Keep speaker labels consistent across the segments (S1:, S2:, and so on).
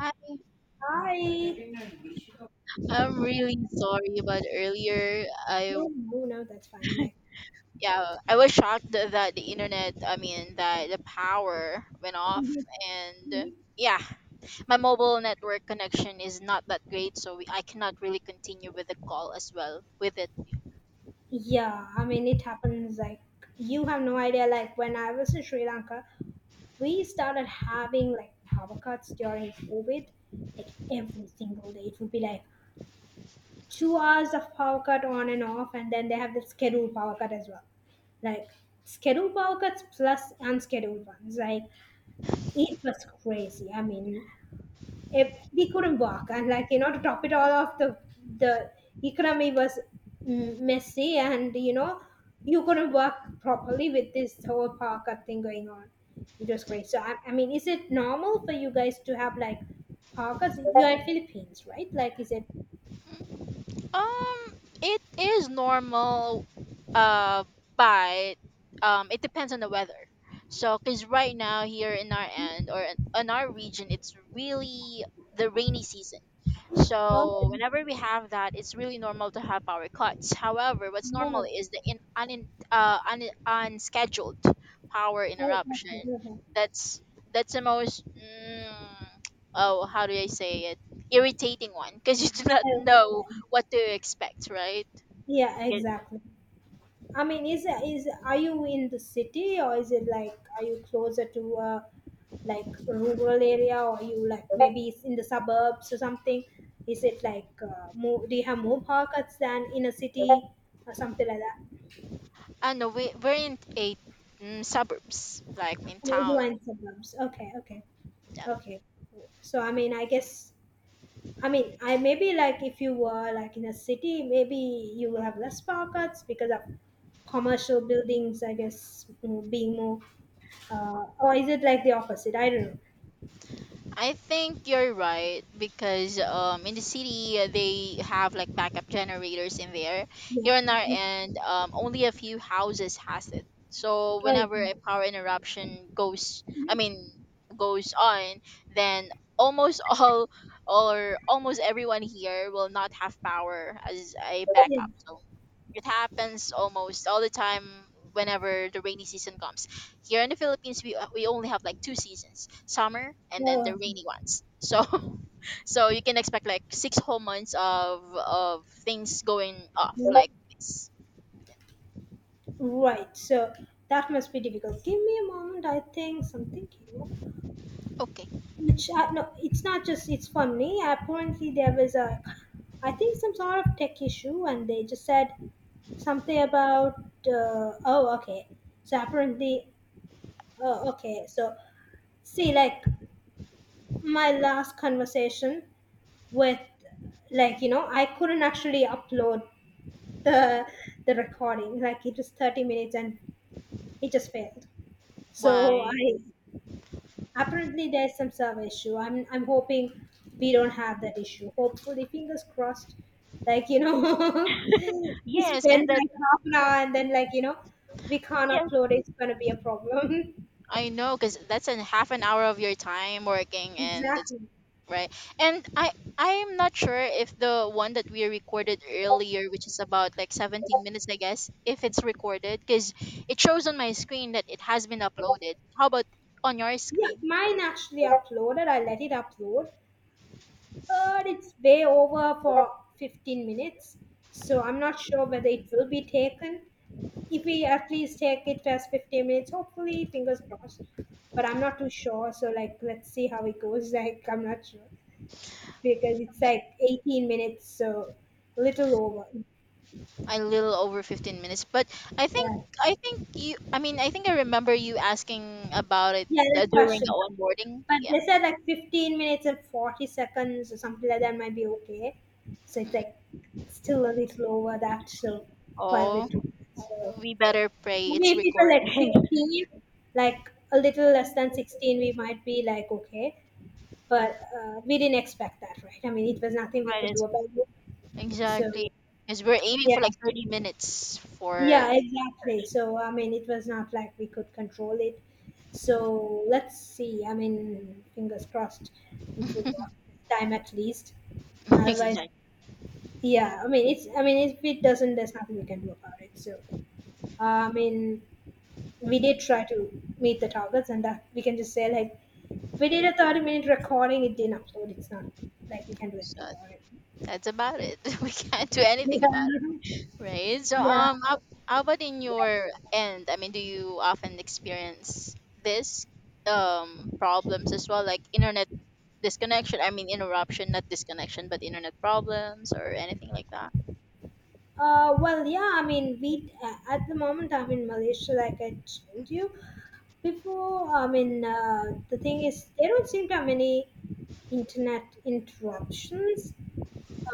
S1: Hi,
S2: I
S1: I'm really sorry about earlier.
S2: No, no, no, that's fine. Like,
S1: I was shocked that the that the power went off, and yeah, my mobile network connection is not that great, so I cannot really continue with the call as well with it.
S2: yeah, I mean it happens. Like, you have no idea. Like, when I was in Sri Lanka, we started having like power cuts during COVID, like every single day. It would be like 2 hours of power cut on and off, and then they have the scheduled power cut as well. Like, scheduled power cuts plus unscheduled ones. Like, it was crazy. I mean, if we couldn't walk, and like to top it all off, the the economy was messy. And you couldn't work properly with this whole parka thing going on, it was great. So I mean, is it normal for you guys to have like parkas? You are in Philippines, right? Like, is it?
S1: Um, it is normal, uh, but it depends on the weather. So, cause right now here in our end or in our region, it's really the rainy season. So whenever we have that, it's really normal to have power cuts. However, what's normal
S2: Oh,
S1: is the unscheduled power
S2: oh,
S1: interruption.
S2: okay, okay.
S1: That's that's the most mm, oh how do I say it irritating one because you do not
S2: Okay,
S1: know what do you expect, right?
S2: yeah,
S1: Yeah.
S2: exactly. I mean, is are you in the city, or is it like are you closer to a like rural area, or you like maybe it's in the suburbs or something? Is it like more? Do you have more haircuts than in a city or something like that?
S1: I know we're in a suburbs, like in
S2: Oh, you
S1: town.
S2: are in suburbs. Okay, okay, okay. So I mean, I guess, I mean, I maybe like if you were like in a city, maybe you will have less haircuts because of commercial buildings, I guess, being more. Or is it like the opposite? I don't
S1: I think you're right because in the city they have like backup generators in there.
S2: know.
S1: Here on our
S2: Yeah. Mm.
S1: end, only a few houses has it. So whenever
S2: Okay.
S1: a power interruption goes, I mean goes on, then almost all or almost everyone here will not have power as a
S2: Yeah.
S1: backup. So it happens almost all the time whenever the rainy season comes. Here in the Philippines, we only have like two seasons, summer and then
S2: Oh,
S1: the
S2: okay.
S1: rainy ones. So so you can expect like six whole months of things going off
S2: Mm.
S1: like this.
S2: Right. So that must be difficult. Give me a moment. I think something came up.
S1: Okay.
S2: Which no, it's not just, it's for me. Apparently there was a, I think, some sort of tech issue, and they just said something about, oh okay. So apparently, oh okay. So see, like, my last conversation with, like, I couldn't actually upload the recording. Like, it was 30 minutes and it just failed. So
S1: Why?
S2: I, apparently there's some server issue. I'm hoping we don't have that issue. Hopefully, fingers crossed, like, we
S1: Yes, because
S2: spend
S1: that
S2: like half an hour and then, like, we can't
S1: yes,
S2: upload, it's going to be a problem.
S1: I know, because that's a half an hour of your time working, and it's
S2: Exactly.
S1: right. And I I'm not sure if the one that we recorded earlier, which is about like 17 minutes, I guess, if it's recorded because it shows on my screen that it has been uploaded. How about on your
S2: Yeah,
S1: screen?
S2: mine actually uploaded, I let it upload. But it's way over for 15 minutes, so I'm not sure whether it will be taken. If we at least take it as 15 minutes, hopefully, fingers crossed. But I'm not too sure, so like let's see how it goes. Like, I'm not sure because it's
S1: Yeah,
S2: like 18 minutes, so a little over.
S1: a little over 15 minutes, but I
S2: Yeah,
S1: think I think I think I remember you asking about it
S2: yeah, that's
S1: during the
S2: question.
S1: onboarding.
S2: But
S1: Yeah.
S2: they said like 15 minutes and 40 seconds or something like that might be okay. So it's
S1: Mm.
S2: like still a little over that, so quite a
S1: Oh,
S2: bit. So,
S1: we better pray it's
S2: maybe if it was
S1: recorded.
S2: at 16, like a little less than 16, we might be like, okay. But we didn't expect that, right? I mean, it was nothing we
S1: Right.
S2: could do about it. So,
S1: Exactly. Because we're aiming for
S2: yeah,
S1: like 30 minutes for
S2: yeah, exactly. So, I mean, it was not like we could control it. So, let's see. I mean, fingers crossed it will work this time at least. Otherwise,
S1: exactly.
S2: yeah, I mean, it's, I mean, if it doesn't, there's nothing we can do about it. So, I mean, we did try to meet the targets, and that we can just say like we did a 30-minute recording, it didn't upload, it's not like we can do
S1: So
S2: anything about it.
S1: that's about it. We can't do anything about
S2: Yeah.
S1: it, right? So
S2: Yeah.
S1: how about in your end? I mean, do you often experience this problems as well, like internet disconnection? I mean, interruption, not disconnection, but internet problems or anything like that.
S2: Well, yeah, I mean, we, at the moment, I'm in Malaysia, like I told you before. I mean, the thing is there don't seem to have any internet interruptions.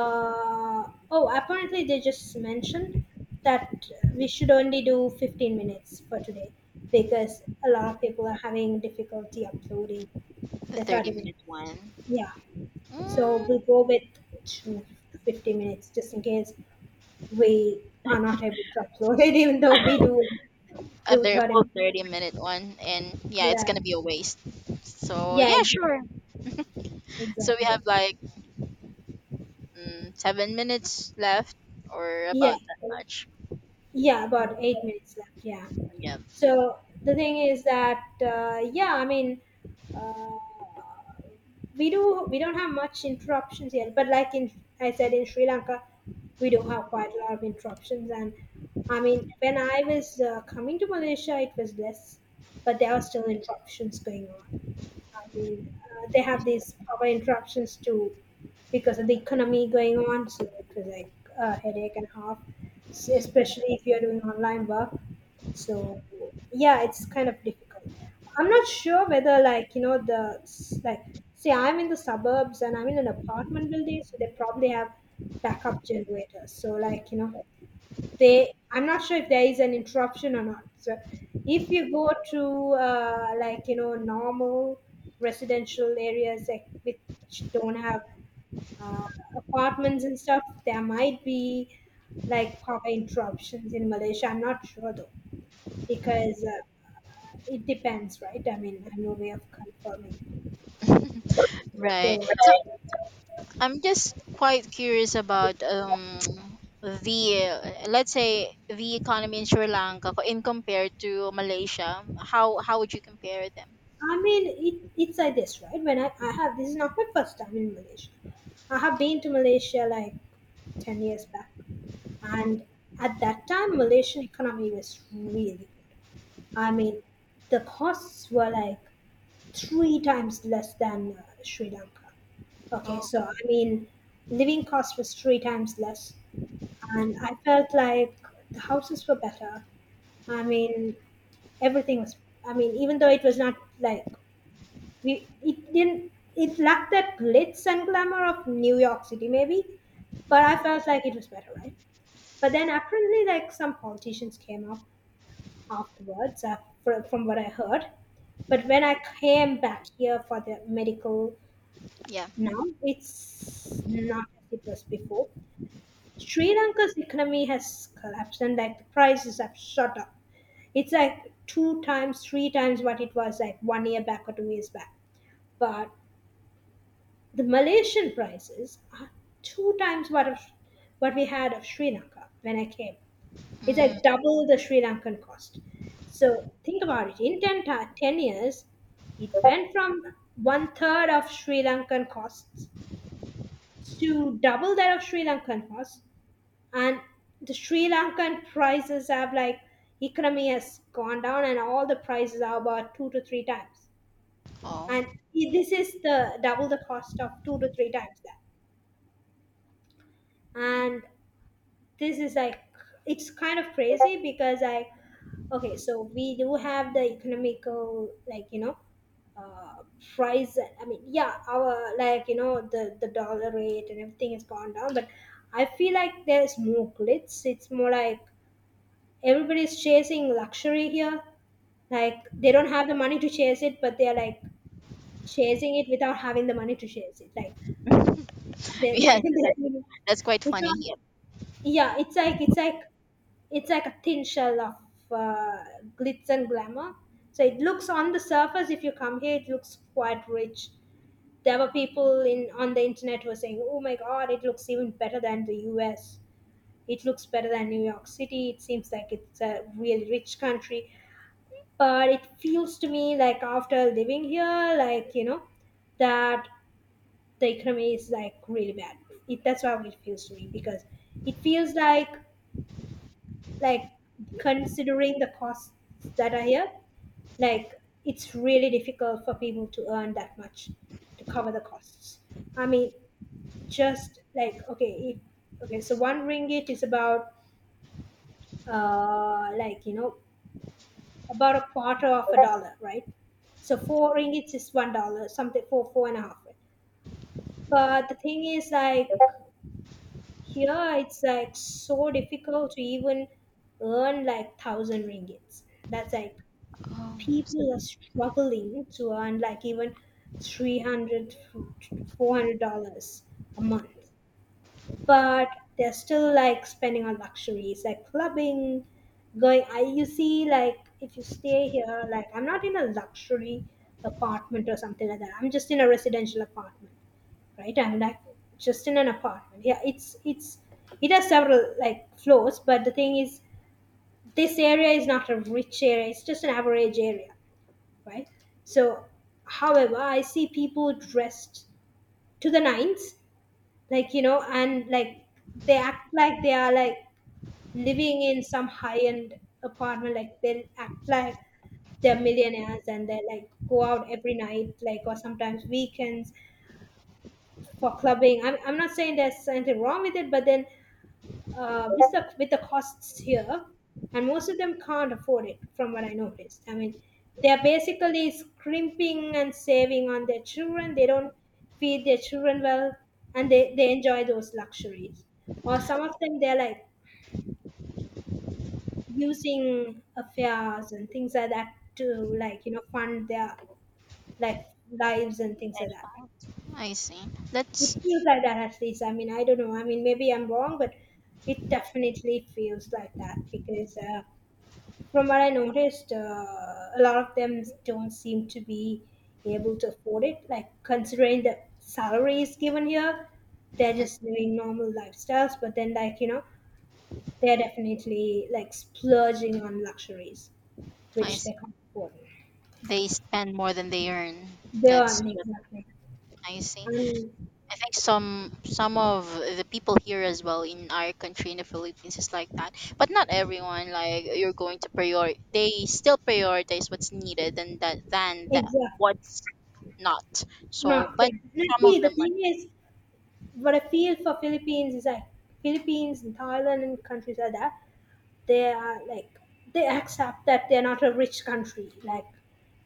S2: Oh, apparently they just mentioned that we should only do 15 minutes for today because a lot of people are having difficulty uploading
S1: The
S2: the 30
S1: 30-minute
S2: minutes.
S1: one.
S2: Yeah. So we'll
S1: Mm,
S2: go with two, 50 minutes just in case we are not able to upload it, even though we do
S1: a very
S2: 30
S1: full
S2: minutes.
S1: 30-minute one, and yeah, it's
S2: Yeah.
S1: gonna be a waste. So yeah,
S2: Yeah, exactly.
S1: sure. So we
S2: Exactly.
S1: have like 7 minutes left, or
S2: Yeah.
S1: about that much.
S2: Yeah, about 8 minutes left. Yeah.
S1: Yep.
S2: So the thing is that, yeah, I mean, uh, we do we don't have much interruptions yet, but like, in I said in Sri Lanka, we do have quite a lot of interruptions. And I mean, when I was coming to Malaysia, it was less, but there are still interruptions going on. I mean, they have these power interruptions too because of the economy going on. So it was like a headache and a half,
S1: Mm,
S2: especially if you're doing online work. So yeah, it's kind of difficult. I'm not sure whether, like, the like, say I'm in the suburbs and I'm in an apartment building, so they probably have backup generators. So like, they, I'm not sure if there is an interruption or not. So if you go to like, normal residential areas, like, which don't have uh, apartments and stuff, there might be like power interruptions in Malaysia. I'm not sure though because it depends, right? I mean, I have no way of confirming.
S1: right.
S2: So
S1: So I'm just quite curious about the let's say the economy in Sri Lanka in compared to Malaysia. How would you compare them?
S2: I mean, it's like this, right? When I have, this is not my first time in Malaysia. I have been to Malaysia like 10 years back. And at that time, Malaysian economy was really good. I mean, the costs were like three times less than Sri Lanka. Okay,
S1: Oh
S2: so I mean, living cost was three times less, and I felt like the houses were better. I mean, everything was, I mean, even though it was not like, we it didn't it lacked that glitz and glamour of New York City maybe, but I felt like it was better, right? But then apparently, like, some politicians came up afterwards, fr from what I heard. But when I came back here for the medical
S1: yeah.
S2: now, it's not as it was before. Sri Lanka's economy has collapsed, and like the prices have shot up. It's like two times, three times what it was like 1 year back or 2 years back. But the Malaysian prices are two times what of what we had of Sri Lanka when I came. It's
S1: Mm,
S2: like double the Sri Lankan cost. So think about it. In 10, 10 years, it went from one third of Sri Lankan costs to double that of Sri Lankan costs. And the Sri Lankan prices have, like, economy has gone down, and all the prices are about two to three times.
S1: oh
S2: And this is the double the cost of two to three times that. And this is like, it's kind of crazy because, like, okay, so we do have the economical, like, uh, price. I mean, yeah, our, like, the dollar rate and everything has gone down, but I feel like there's more glitz. It's more like everybody's chasing luxury here. Like, they don't have the money to chase it, but they're like chasing it without having the money to chase it. Like, they
S1: yes,
S2: they're,
S1: that's,
S2: you know,
S1: that's quite
S2: it's
S1: funny.
S2: not,
S1: Yep.
S2: yeah, it's like, it's like a thin shell of uh, glitz and glamour. So it looks on the surface. If you come here, it looks quite rich. There were people in on the internet who were saying, "Oh my God, it looks even better than the U.S. It looks better than New York City. It seems like it's a really rich country." But it feels to me like after living here, like, that the economy is like really bad. That's how it feels to me because it feels like, like considering the costs that are here, like, it's really difficult for people to earn that much to cover the costs. I mean, just like, okay, if, okay, so one ringgit is about like, about a quarter of a dollar, right? So four ringgits is $1, something four, four and a half, right? But the thing is like, here it's like so difficult to even earn like thousand ringgits. That's like,
S1: Oh, so
S2: people are
S1: that's,
S2: struggling to earn like even 300, $400 a month, but they're still like spending on luxuries like clubbing, going you see, like, if you stay here, like, I'm not in a luxury apartment or something like that. I'm just in a residential apartment, right? I'm like just in an apartment. Yeah, it's, it has several like floors, but the thing is this area is not a rich area, it's just an average area, right? So, however, I see people dressed to the nines, like, you know, and like they act like they are like living in some high end apartment, like they act like they're millionaires, and they like go out every night, like, or sometimes weekends for clubbing. I'm not saying there's anything wrong with it, but then, with the costs here, and most of them can't afford it. From what I noticed, I mean, they're basically scrimping and saving on their children. They don't feed their children well, and they enjoy those luxuries. Or some of them they're like using affairs and things like that to like fund their life lives and things like that.
S1: I see. That's
S2: It feels like that at least. I mean, I don't know. I mean, maybe I'm wrong, but it definitely feels like that because. From what I noticed, a lot of them don't seem to be able to afford it. Like considering the salaries given here, they're
S1: mm,
S2: just living normal lifestyles, but then like they're definitely like splurging on luxuries,
S1: I
S2: which
S1: see.
S2: they can't afford.
S1: They spend more than they earn.
S2: They
S1: That's
S2: aren't
S1: what
S2: exactly.
S1: I see.
S2: And
S1: I think some of the people here as well in our country in the Philippines is like that, but not everyone. Like you're going to prior, they still prioritize what's needed and that than that
S2: exactly
S1: what's not. So,
S2: not
S1: but
S2: good. And
S1: some of
S2: see, the
S1: them are
S2: thing is, what I feel for Philippines is like Philippines and Thailand and countries like that, they are like they accept that they're not a rich country, like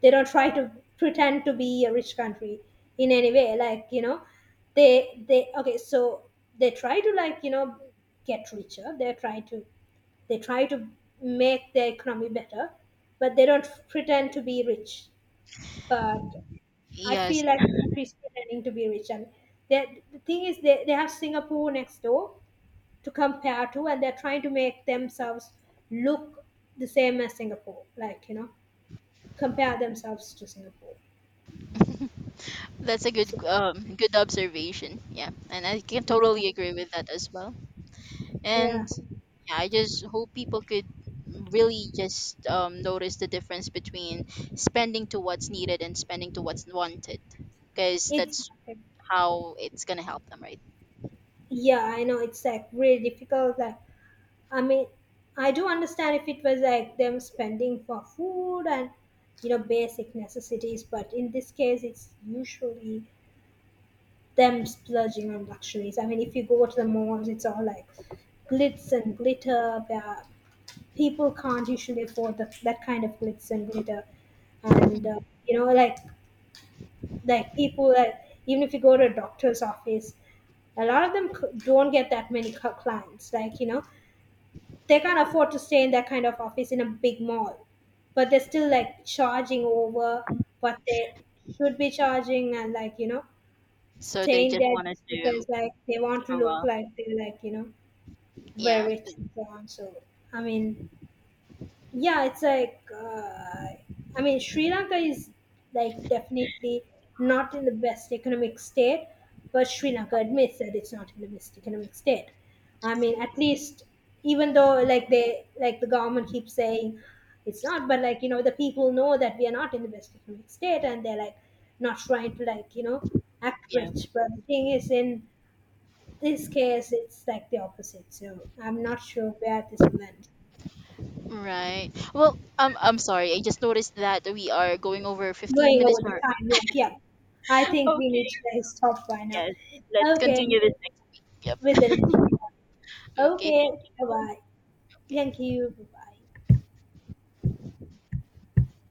S2: they don't try to pretend to be a rich country in any way, like they okay, so they try to like get richer, they try to they try to make their economy better, but they don't pretend to be rich. But I
S1: yes.
S2: feel like the country is pretending to be rich, and the thing is they have Singapore next door to compare to, and they're trying to make themselves look the same as Singapore, like, you know, compare themselves to Singapore.
S1: That's a good
S2: So,
S1: good observation. Yeah, and I can totally agree with that as well.
S2: yeah,
S1: And yeah, I just hope people could really just notice the difference between spending to what's needed and spending to what's wanted because
S2: it's,
S1: that's how it's gonna help them, right?
S2: yeah, I know it's like really difficult. Like, I mean, I do understand if it was like them spending for food and, you know, basic necessities, but in this case, it's usually them splurging on luxuries. I mean, if you go to the malls, it's all like glitz and glitter, yeah, people can't usually afford that kind of glitz and glitter. And you know, like people that, even if you go to a doctor's office, a lot of them don't get that many clients, like they can't afford to stay in that kind of office in a big mall, but they're still like charging over what they should be charging, and like
S1: So they
S2: staying
S1: just
S2: there
S1: wanted
S2: just
S1: to
S2: because like they want to
S1: show
S2: look
S1: up.
S2: like they're like very
S1: Yeah,
S2: rich and so on. So I mean, yeah, it's like, I mean, Sri Lanka is like definitely not in the best economic state, but Sri Lanka admits that it's not in the best economic state. I mean, at least, even though like the government keeps saying it's not, but like you know, the people know that we are not in the best economic state, and they're like not trying to like act
S1: yeah,
S2: rich. But the thing is, in this case, it's like the opposite, so I'm not sure where this will end.
S1: right. Well, I'm sorry, I just noticed that we are going over 15
S2: Going
S1: minutes
S2: over the
S1: or
S2: time. Like, yeah, I think we
S1: okay.
S2: need to like stop by now.
S1: Yes, let's
S2: Okay,
S1: continue this next. Yep.
S2: with the next one.
S1: Okay,
S2: Okay,
S1: thank
S2: bye
S1: you.
S2: bye. Thank you. Bye bye.